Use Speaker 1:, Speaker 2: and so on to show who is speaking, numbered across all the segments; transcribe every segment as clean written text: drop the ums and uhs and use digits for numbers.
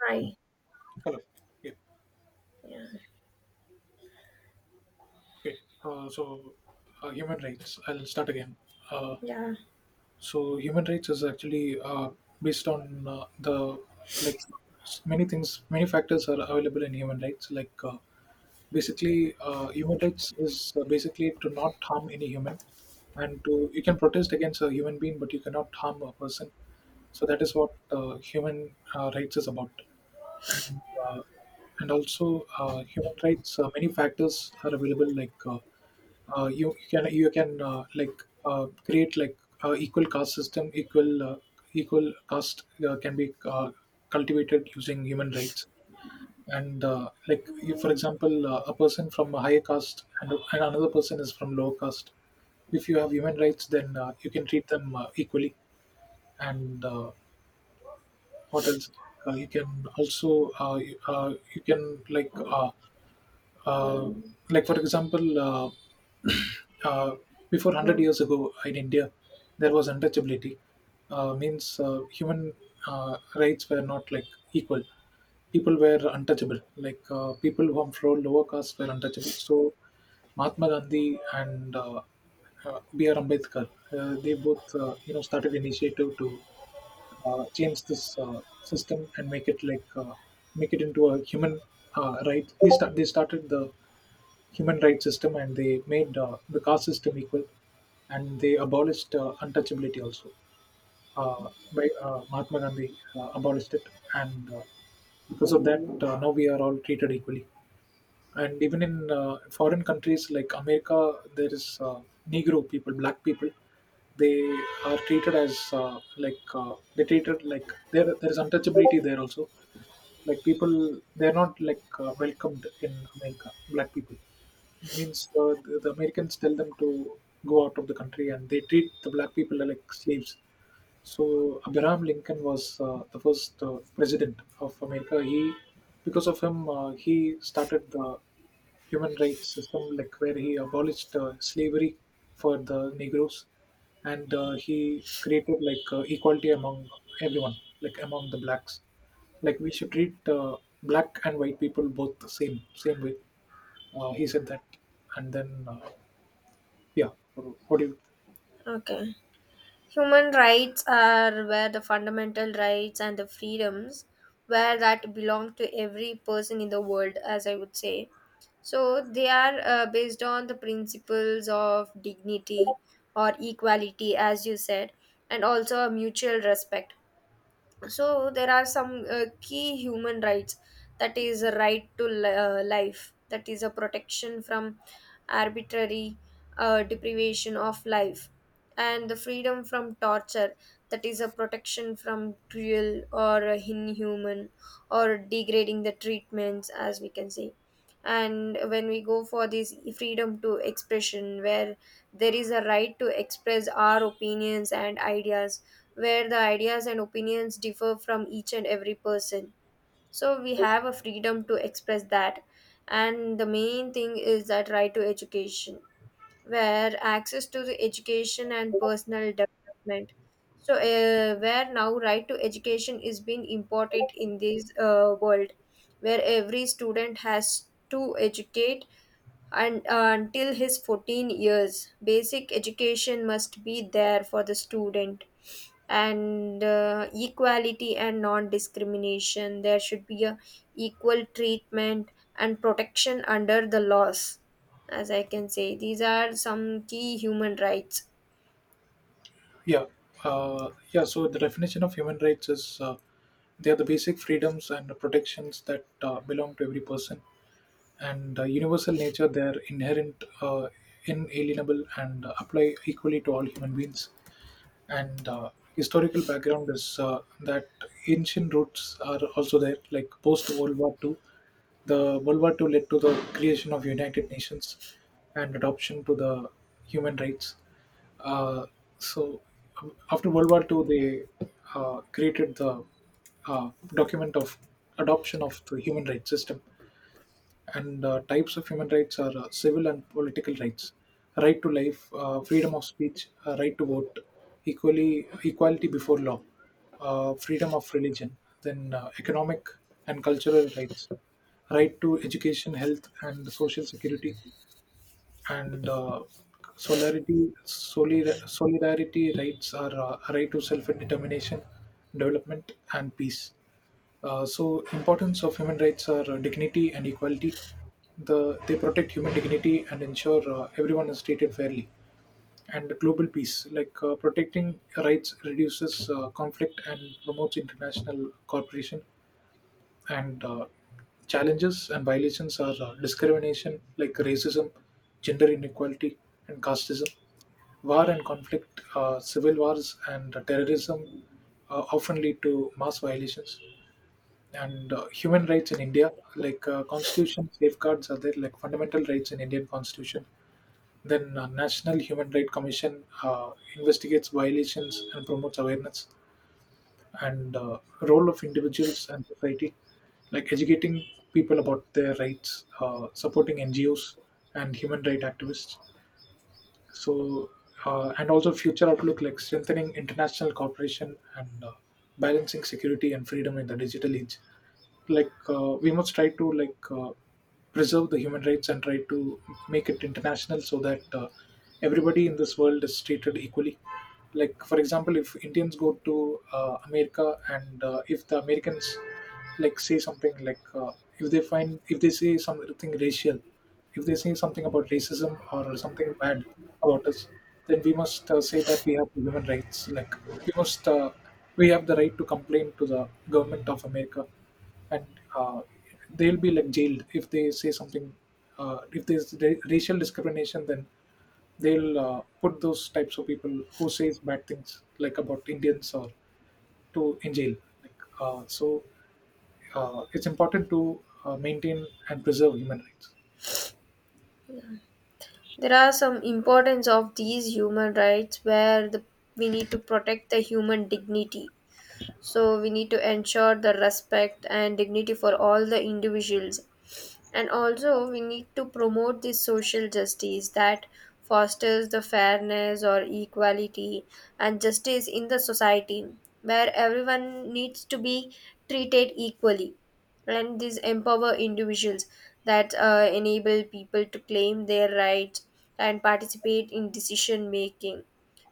Speaker 1: Right.
Speaker 2: Hello. Yeah.
Speaker 1: Yeah.
Speaker 2: Okay. Uh, so, human rights. I'll start again. Uh,
Speaker 1: Yeah.
Speaker 2: human rights is actually based on the like many things, many factors are available in human rights. Basically, human rights is basically to not harm any human, and to you can protest against a human being, but you cannot harm a person. So that is what human rights is about. and uh, and also human rights. Many factors are available, like you can you can create equal caste system. Equal caste can be cultivated using human rights. And like you, for example, a person from a higher caste and another person is from lower caste. If you have human rights, then you can treat them equally, and what else you can also you can like uh, uh, like for example uh, before 100 years ago in India there was untouchability, means human uh, rights were not like equal. People were untouchable, like people who from lower caste were untouchable. So Mahatma Gandhi and br ambedkar, they both, you know, started initiative to change this system and make it make it into a human right. They started the human rights system, and they made the caste system equal, and they abolished untouchability also. By Mahatma Gandhi abolished it, and because of that now we are all treated equally. And even in foreign countries like America, there is negro people, black people. They are treated as they treated like, there is untouchability there also. Like people, they're not welcomed in America, black people. Means the Americans tell them to go out of the country and they treat the black people like slaves. So Abraham Lincoln was the first president of America. Because of him, he started the human rights system, like where he abolished slavery for the Negroes, and he created equality among everyone, like among the blacks. Like we should treat black and white people both the same way. He said that, and then yeah, what do you?
Speaker 1: Okay. Human rights are where the fundamental rights and the freedoms where that belong to every person in the world, as I would say. So they are based on the principles of dignity or equality, as you said, and also a mutual respect. So there are some key human rights, that is a right to life, that is a protection from arbitrary deprivation of life, and the freedom from torture, that is a protection from cruel or inhuman or degrading the treatments, as we can say. And when we go for this freedom to expression, where there is a right to express our opinions and ideas, where the ideas and opinions differ from each and every person. So we have a freedom to express that. And the main thing is that right to education, where access to the education and personal development. So where now right to education is being important in this world, where every student has to educate, and until his 14 years basic education must be there for the student. And equality and non discrimination, there should be a equal treatment and protection under the laws, as I can say these are some key human rights.
Speaker 2: Yeah, yeah. So the definition of human rights is they are the basic freedoms and the protections that belong to every person, and universal nature. They are inherent, inalienable, and apply equally to all human beings. And Historical background is that ancient roots are also there. Like post World War II, the World War II led to the creation of United Nations and adoption to the human rights. Uh, so um, after World War II, they created the document of adoption of the human rights system. And types of human rights are civil and political rights, right to life, freedom of speech, right to vote, equally equality before law, freedom of religion. Then economic and cultural rights, right to education, health and social security. And solidarity rights are right to self-determination, development and peace. Uh, so importance of human rights are dignity and equality. They protect human dignity and ensure everyone is treated fairly. And global peace, protecting rights reduces conflict and promotes international cooperation. And challenges and violations are discrimination, like racism, gender inequality, and casteism. War and conflict, civil wars, and terrorism often lead to mass violations. And human rights in India, like constitution safeguards are there, like fundamental rights in Indian constitution. Then National Human Rights Commission investigates violations and promotes awareness. And role of individuals and society, like educating people about their rights, supporting NGOs and human rights activists. So and also future outlook, like strengthening international cooperation and balancing security and freedom in the digital age. Like we must try to preserve the human rights and try to make it international, so that everybody in this world is treated equally. Like for example, if Indians go to America, and if the Americans say something like if they say something racial, if they say something about racism or something bad about us, then we must say that we have human rights. Like we must, we have the right to complain to the government of America, and uh, they'll be like jailed if they say something. If there's racial discrimination, then they'll put those types of people who says bad things like about Indians or to in jail. Like, it's important to maintain and preserve human rights.
Speaker 1: There are some importance of these human rights, where we need to protect the human dignity, so we need to ensure the respect and dignity for all the individuals. And also we need to promote this social justice that fosters the fairness or equality and justice in the society, where everyone needs to be treated equally. And these empower individuals, that enable people to claim their rights and participate in decision making.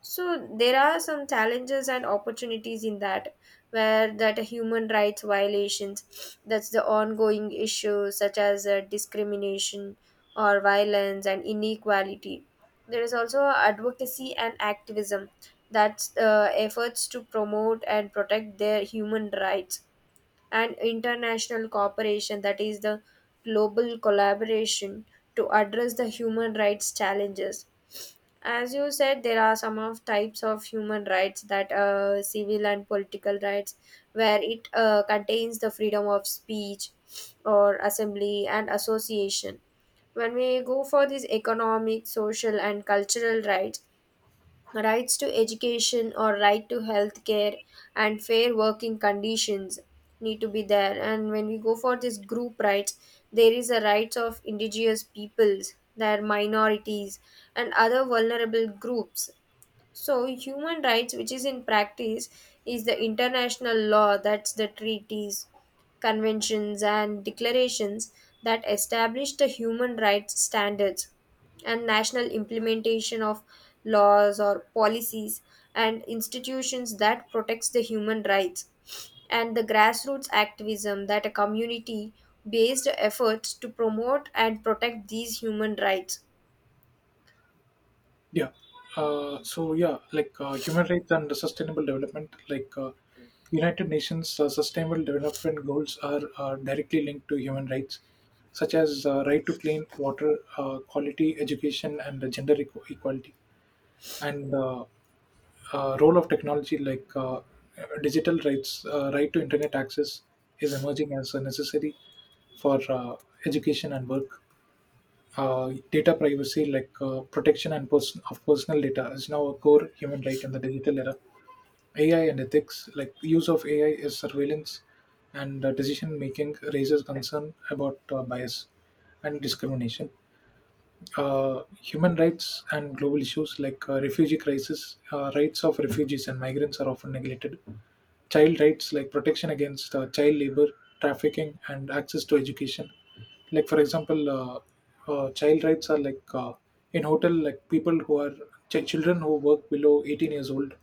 Speaker 1: So there are some challenges and opportunities in that, where that human rights violations, that's the ongoing issues such as discrimination or violence and inequality. There is also advocacy and activism. That's efforts to promote and protect their human rights, and international cooperation, that is, the global collaboration to address the human rights challenges. As you said, there are some of types of human rights, that civil and political rights, where it contains the freedom of speech or assembly and association. When we go for these economic, social, and cultural rights, rights to education or right to health care and fair working conditions need to be there. And when we go for this group rights, there is a rights of indigenous peoples, their minorities, and other vulnerable groups. So, human rights, which is in practice, is the international law, that's the treaties, conventions, and declarations that establish the human rights standards, and national implementation of laws or policies and institutions that protects the human rights, and the grassroots activism, that a community based efforts to promote and protect these human rights.
Speaker 2: Yeah. Human rights and sustainable development, United Nations Sustainable Development Goals are directly linked to human rights, such as right to clean water, quality education, and the equality. And Role of technology, digital rights, right to internet access is emerging as a necessary for education and work. Data privacy, protection and person of personal data, is now a core human right in the digital era. AI and ethics, like use of AI is surveillance and decision making, raises concern about bias and discrimination. Human rights and global issues, refugee crisis, rights of refugees and migrants are often neglected. Child rights, like protection against child labor, trafficking and access to education. Like for example child rights are in hotel, like people who are children who work below 18 years old,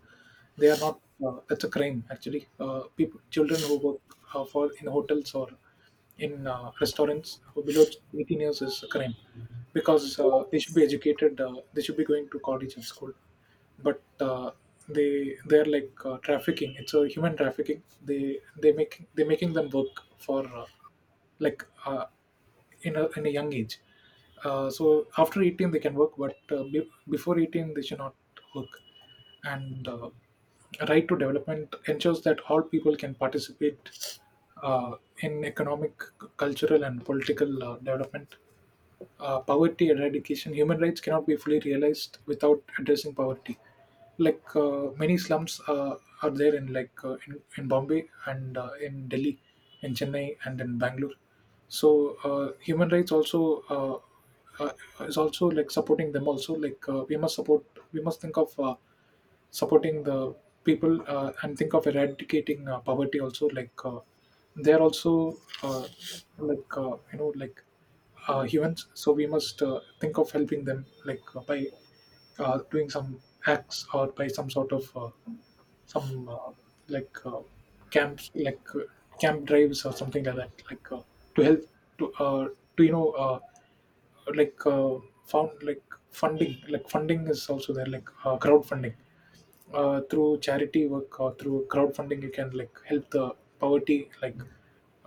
Speaker 2: they are not that's a crime actually. Uh, people, children who work for in hotels or in restaurants who below 18 years is a crime, because they should be educated, they should be going to college and school. But they're like trafficking, it's a human trafficking. They're making them work for like uh, in a young age. Uh, so after 18 they can work, but before 18 they should not work. And right to development ensures that all people can participate uh, in economic, cultural, and political development. Uh, poverty eradication, human rights cannot be fully realized without addressing poverty. Like many slums are there in in Bombay and in Delhi, in Chennai and in Bangalore. So human rights also uh, uh, is also like supporting them also. Like we must support, we must think of supporting the people, and think of eradicating poverty also. Like they're also like you know like humans, so we must think of helping them, by doing some acts, or by some sort of some like camps, like camp drives or something like that, to help, to uh, to you know like found like funding is also there, crowdfunding. Uh, through charity work or through crowdfunding you can help the poverty like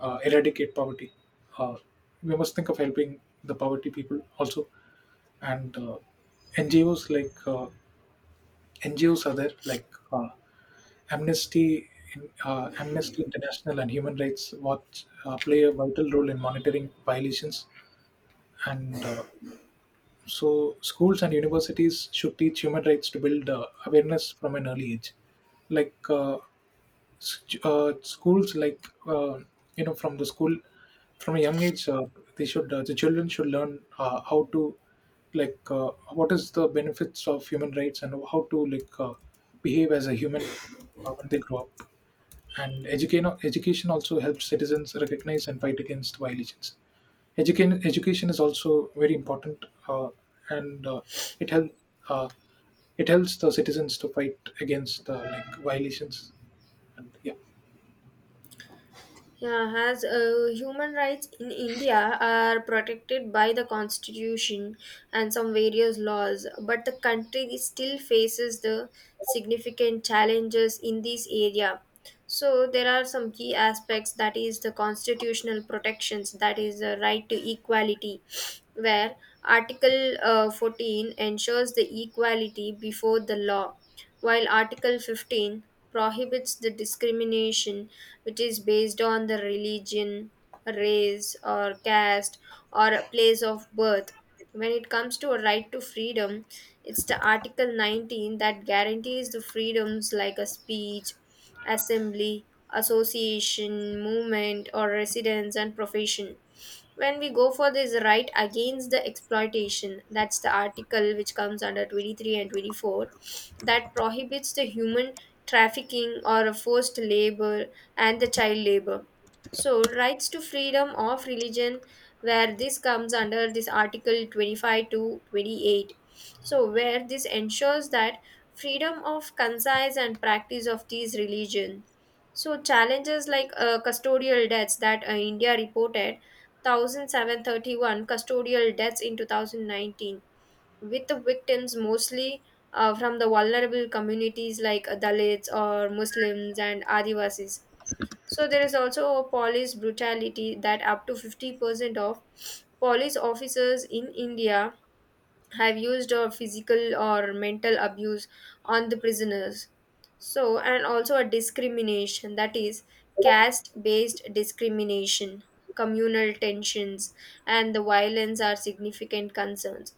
Speaker 2: eradicate poverty. Uh, we must think of helping the poverty people also. And NGOs, NGOs are there, like Amnesty, Amnesty International, and Human Rights Watch play a vital role in monitoring violations. And schools and universities should teach human rights to build awareness from an early age. Like schools, you know, from the school, from a young age, they should the children should learn how to what is the benefits of human rights and how to behave as a human when they grow up. And education also helps citizens recognize and fight against violations. Education education is also very important. And it help uh, it helps the citizens to fight against violations. And yeah.
Speaker 1: Yeah, as human rights in India are protected by the constitution and some various laws, but the country still faces the significant challenges in this area. So there are some key aspects, that is the constitutional protections, that is the right to equality, where Article 14 ensures the equality before the law, while Article 15 prohibits the discrimination which is based on the religion, race, or caste, or a place of birth. When it comes to a right to freedom, it's the Article 19 that guarantees the freedoms like a speech, assembly, association, movement, or residence and profession. When we go for this right against the exploitation, that's the article which comes under 23 and 24, that prohibits the human trafficking or forced labor and the child labor. So rights to freedom of religion, where this comes under this article 25 to 28, so where this ensures that freedom of concise and practice of these religion. So challenges like custodial deaths, that India reported 1,731 custodial deaths in 2019, with the victims mostly from the vulnerable communities like Dalits or Muslims and Adivasis. So there is also a police brutality, that up to 50% of police officers in India have used or physical or mental abuse on the prisoners. So, and also a discrimination, that is caste based discrimination, communal tensions and the violence are significant concerns.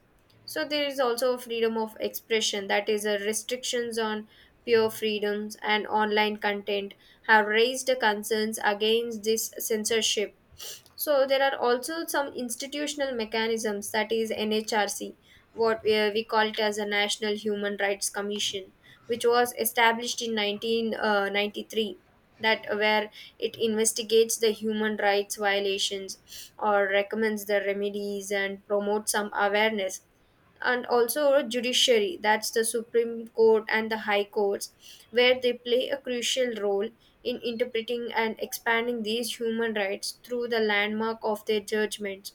Speaker 1: So there is also freedom of expression, that is a restrictions on pure freedoms and online content have raised concerns against this censorship. So there are also some institutional mechanisms, that is NHRC, what we call it as a National Human Rights Commission, which was established in 1993, that where it investigates the human rights violations or recommends the remedies and promotes some awareness. And also a judiciary, that's the Supreme Court and the High Courts, where they play a crucial role in interpreting and expanding these human rights through the landmark of their judgments.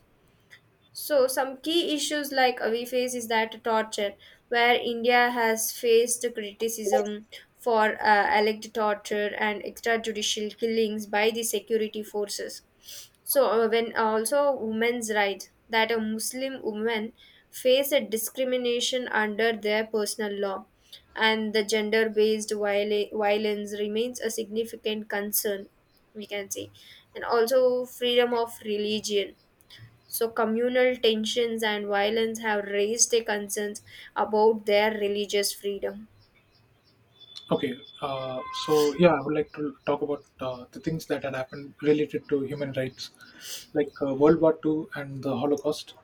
Speaker 1: So, some key issues like we face is that torture, where India has faced criticism for alleged torture and extrajudicial killings by the security forces. So, when also women's rights, that a Muslim woman face a discrimination under their personal law, and the gender-based violence remains a significant concern, we can say. And also freedom of religion, so, communal tensions and violence have raised their concerns about their religious freedom.
Speaker 2: Okay, I would like to talk about the things that had happened related to human rights, like World War Two and the Holocaust,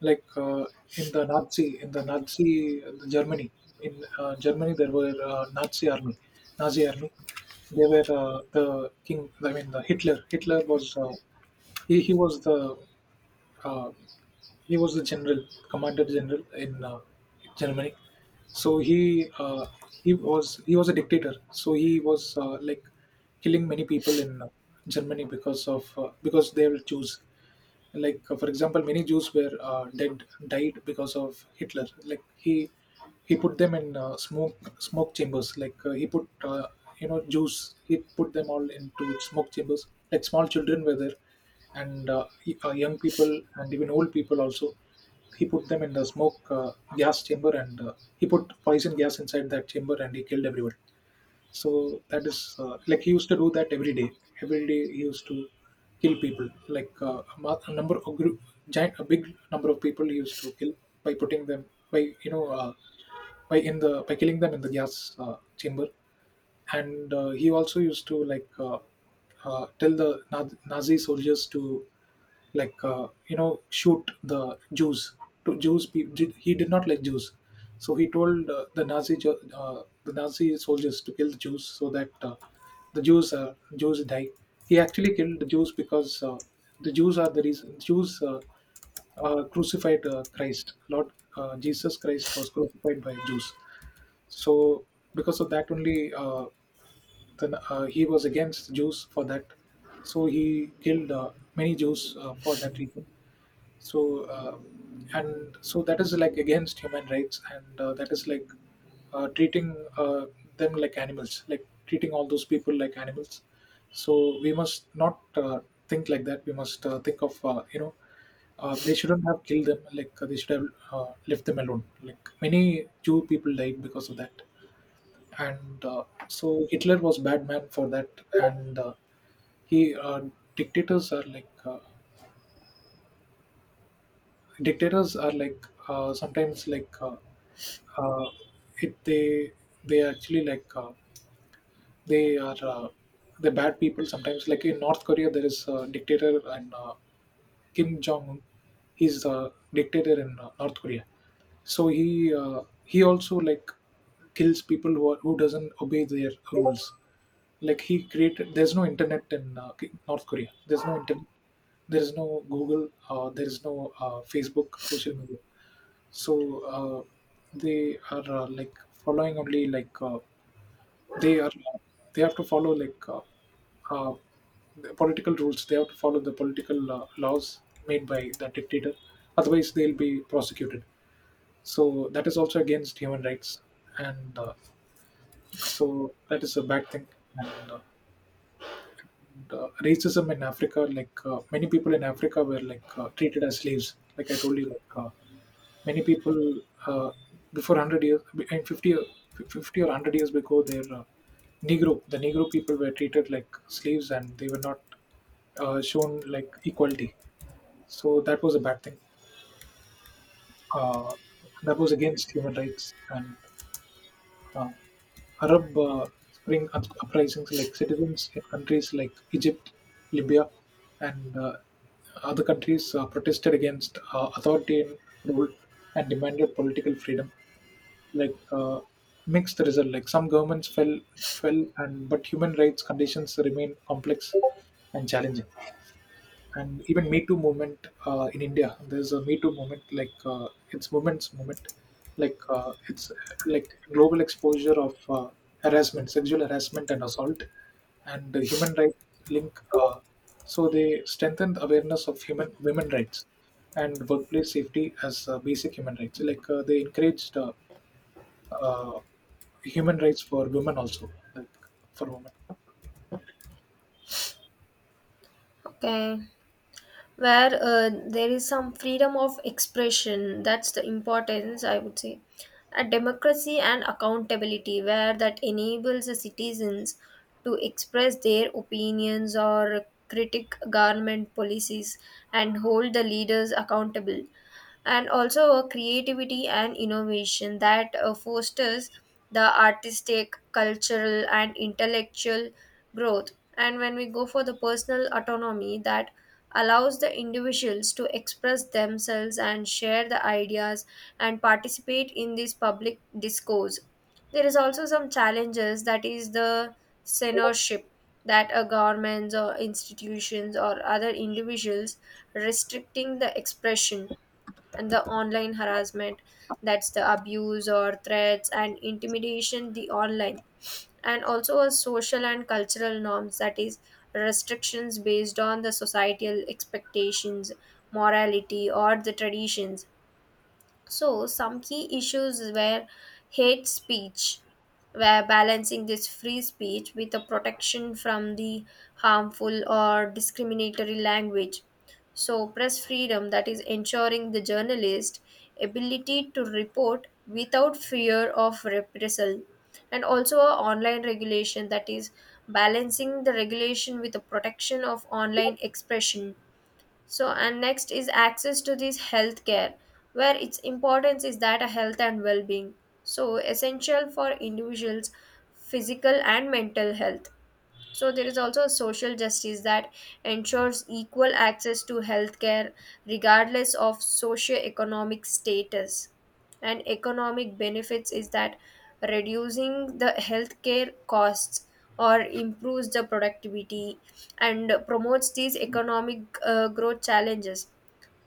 Speaker 2: like in the Nazi the Germany. In Germany there were Nazi army. They were the king. I mean, the Hitler. Hitler was he he was the uh, he was the general, commander general in Germany. So he he was a dictator. So he was like killing many people in Germany because they will choose like for example, many Jews were died because of Hitler. Like he put them in smoke chambers. Like he put Jews, he put them all into smoke chambers. Like small children were there, and young people and even old people also. He put them in the smoke gas chamber, and he put poison gas inside that chamber, and he killed everyone. So that is like he used to do that every day. Every day he used to kill people. Like a number of group, giant, a big number of people he used to kill by putting them by you know uh, by killing them in the gas chamber, and he also used to like tell the Nazi soldiers to like shoot the Jews. To Jews, pe- did- he did not like Jews, so he told the the Nazi soldiers to kill the Jews so that the Jews die. He actually killed the Jews because the Jews are the reason. Jews crucified Christ. Lord Jesus Christ was crucified by Jews. So because of that only. Then he was against Jews for that, so he killed many Jews for that reason. So uh, and so that is like against human rights, and that is like treating them like animals, like treating all those people like animals. So we must not think like that. We must think of they shouldn't have killed them. Like they should have left them alone. Like many Jew people died because of that. And so Hitler was bad man for that. And he dictators are like sometimes like uh, it they actually like they are uh, the bad people sometimes. Like in North Korea, there is a dictator, and Kim Jong Un. He's the dictator in North Korea. So he also like kills people who doesn't obey their rules. Like he created there's no internet in, K North Korea. There's no internet. There is no Google, there is no, Facebook, social media. So, uh, they are, like, following only, like, they are they have to follow, like, uh, the political rules. They have to follow the political, laws made by the dictator. Otherwise, they'll be prosecuted. So that is also against human rights, and, so that is a bad thing, and, racism in Africa, like many people in Africa were like treated as slaves. Like I told you, like many people before 100 years, and fifty, or- 50 or 100 years ago, their Negro people were treated like slaves, and they were not shown like equality. So that was a bad thing. Uh, that was against human rights, and uh, Arab Spring uprisings, like citizens in countries like Egypt, Libya, and other countries protested against authoritarian rule and demanded political freedom. Like mixed result, like some governments fell, and but human rights conditions remain complex and challenging. And even Me Too movement in India. There's a Me Too movement, like it's women's movement, like it's like global exposure of harassment, sexual harassment and assault, and the human rights link. So they strengthened awareness of human women rights and workplace safety as basic human rights. Like they encouraged uh, human rights for women also, like for women.
Speaker 1: Okay. Where there is some freedom of expression, that's the importance I would say, a democracy and accountability, where that enables the citizens to express their opinions or critic government policies and hold the leaders accountable. And also a creativity and innovation, that fosters the artistic cultural and intellectual growth. And when we go for the personal autonomy, that allows the individuals to express themselves and share the ideas and participate in this public discourse. There is also some challenges, that is the censorship, that a governments or institutions or other individuals restricting the expression, and the online harassment, that's the abuse or threats and intimidation the online. And also a social and cultural norms, that is restrictions based on the societal expectations, morality or the traditions. So, some key issues were hate speech, were balancing this free speech with the protection from the harmful or discriminatory language. So, press freedom, that is ensuring the journalist ability to report without fear of repression. And also a online regulation, that is balancing the regulation with the protection of online expression. So, and next is access to this healthcare, where its importance is that a health and well-being. So, essential for individuals' physical and mental health. So there is also social justice that ensures equal access to healthcare regardless of socioeconomic status. And economic benefits is that reducing the healthcare costs or improves the productivity and promotes these economic growth challenges.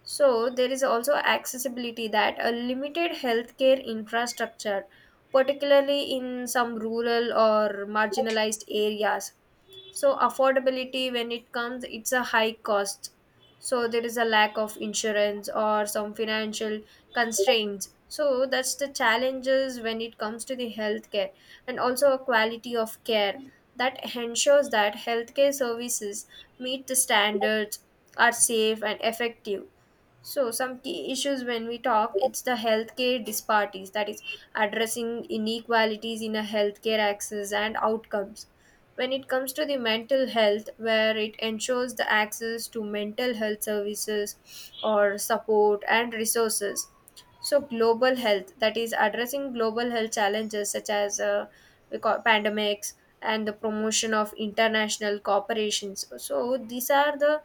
Speaker 1: So there is also accessibility, that a limited healthcare infrastructure, particularly in some rural or marginalized areas. So affordability, when it comes it's a high cost, so there is a lack of insurance or some financial constraints, so that's the challenges when it comes to the healthcare. And also a quality of care that ensures that healthcare services meet the standards, are safe and effective. So some key issues when we talk, it's the healthcare disparities, that is addressing inequalities in a healthcare access and outcomes. When it comes to the mental health, where it ensures the access to mental health services or support and resources. So global health, that is addressing global health challenges such as we call pandemics, and the promotion of international corporations. So these are the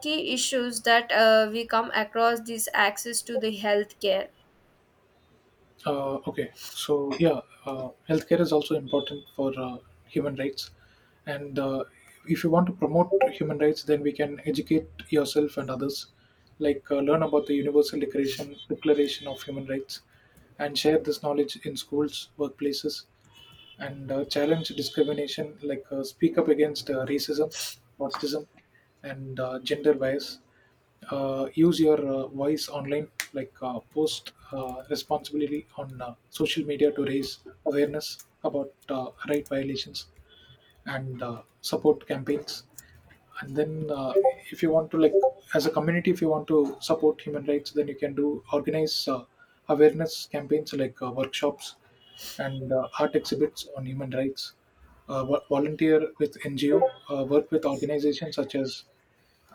Speaker 1: key issues that we come across this access to the healthcare.
Speaker 2: Okay, so yeah, healthcare is also important for human rights, and if you want to promote human rights, then we can educate yourself and others, like learn about the Universal Declaration of Human Rights, and share this knowledge in schools, workplaces, and challenge discrimination, like speak up against racism, autism, and gender bias. Use your voice online, like post responsibly on social media to raise awareness about right violations and support campaigns. And then if you want to like as a community, if you want to support human rights, then you can do organize awareness campaigns like workshops and art exhibits on human rights. Volunteer with NGO, work with organizations such as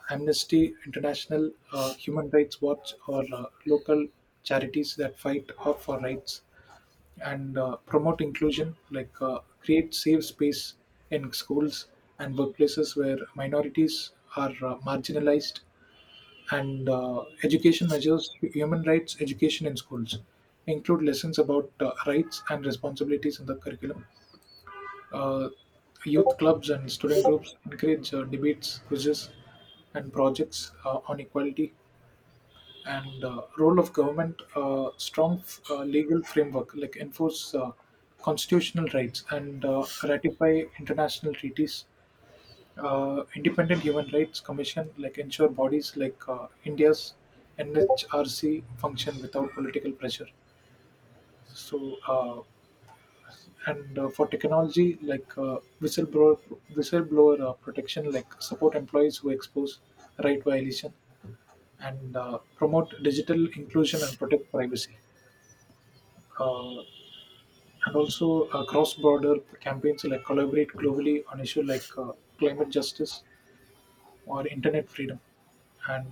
Speaker 2: Amnesty International, Human Rights Watch, or local charities that fight for rights, and promote inclusion, like create safe space in schools and workplaces where minorities are marginalized, and education measures human rights education in schools, include lessons about rights and responsibilities in the curriculum. Uh, Youth clubs and student groups encourage debates, quizzes, and projects on equality, and role of government, strong legal framework, like enforce constitutional rights, and ratify international treaties. Independent human rights commission, like ensure bodies like India's NHRC function without political pressure. So uh, and uh, for technology, like whistleblower protection, like support employees who expose right violation, and promote digital inclusion and protect privacy, uh, and also cross-border campaigns, like collaborate globally on issues like climate justice or internet freedom, and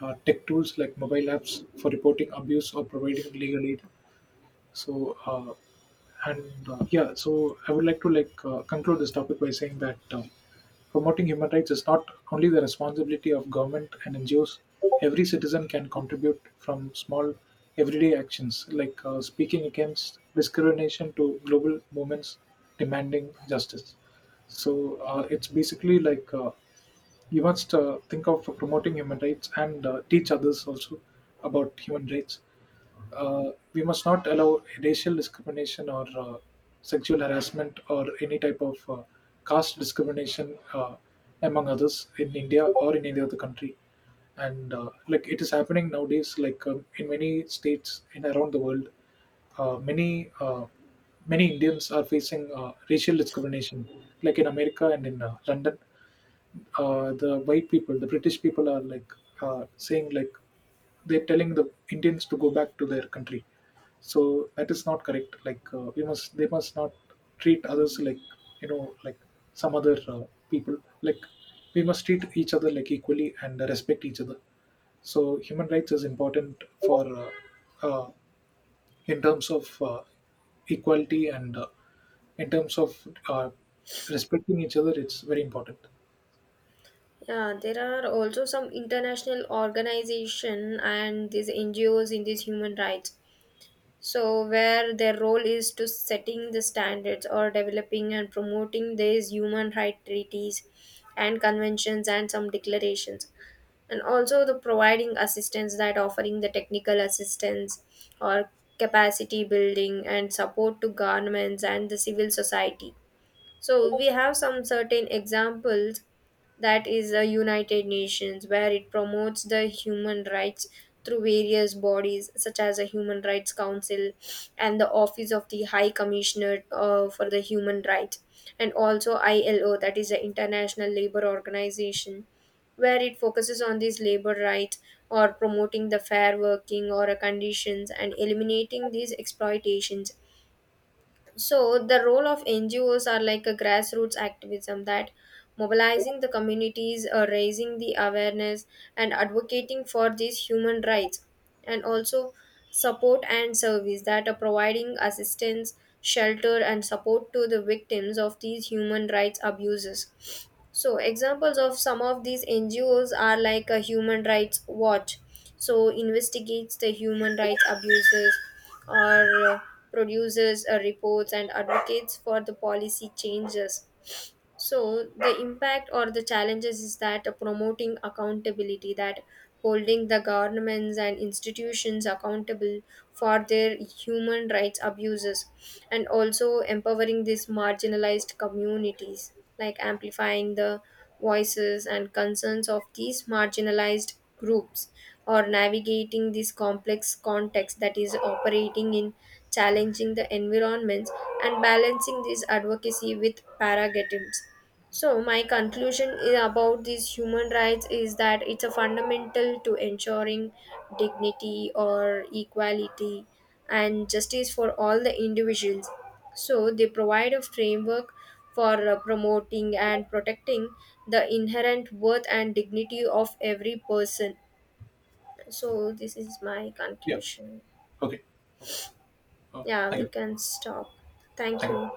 Speaker 2: tech tools like mobile apps for reporting abuse or providing legal aid. So uh, and yeah, so I would like to like conclude this topic by saying that promoting human rights is not only the responsibility of government and NGOs. Every citizen can contribute from small everyday actions like speaking against discrimination to global movements demanding justice. So it's basically like you must think of promoting human rights, and teach others also about human rights. We must not allow racial discrimination or sexual harassment or any type of caste discrimination among others in India or in any other country. And like it is happening nowadays, like in many states in around the world, uh, many uh, many Indians are facing racial discrimination, like in America and in London. The white people, the British people, are like saying like they're telling the Indians to go back to their country. So that is not correct. They must not treat others like like some other people. Like we must treat each other like equally and respect each other. So human rights is important for uh, in terms of equality and in terms of respecting each other. It's very important.
Speaker 1: Yeah, there are also some international organization and these NGOs in these human rights. So where their role is to setting the standards or developing and promoting these human right treaties and conventions and some declarations. And also the providing assistance, that offering the technical assistance or capacity building and support to governments and the civil society. So we have some certain examples, that is the United Nations, where it promotes the human rights through various bodies such as the Human Rights Council and the Office of the High Commissioner for the Human Rights. And also ILO, that is the International Labor Organization, where it focuses on these labor rights or promoting the fair working or a conditions and eliminating these exploitations. So the role of NGOs are like a grassroots activism, that mobilizing the communities, raising the awareness, and advocating for these human rights, and also support and service that are providing assistance, shelter, and support to the victims of these human rights abuses. So examples of some of these NGOs are like a Human Rights Watch, so investigates the human rights abuses or produces reports and advocates for the policy changes. So the impact or the challenges is that promoting accountability, that holding the governments and institutions accountable for their human rights abuses, and also empowering these marginalized communities, like amplifying the voices and concerns of these marginalized groups, or navigating this complex context, that is operating in challenging the environments and balancing this advocacy with paradigms. So, my conclusion is about these human rights is that it's a fundamental to ensuring dignity or equality and justice for all the individuals. So, they provide a framework for promoting and protecting the inherent worth and dignity of every person. So, this is my
Speaker 2: Yeah.
Speaker 1: conclusion.
Speaker 2: Okay. Okay. Uh,
Speaker 1: Yeah,
Speaker 2: Thank
Speaker 1: we
Speaker 2: you.
Speaker 1: can stop. Thank
Speaker 2: Thank you.
Speaker 1: you.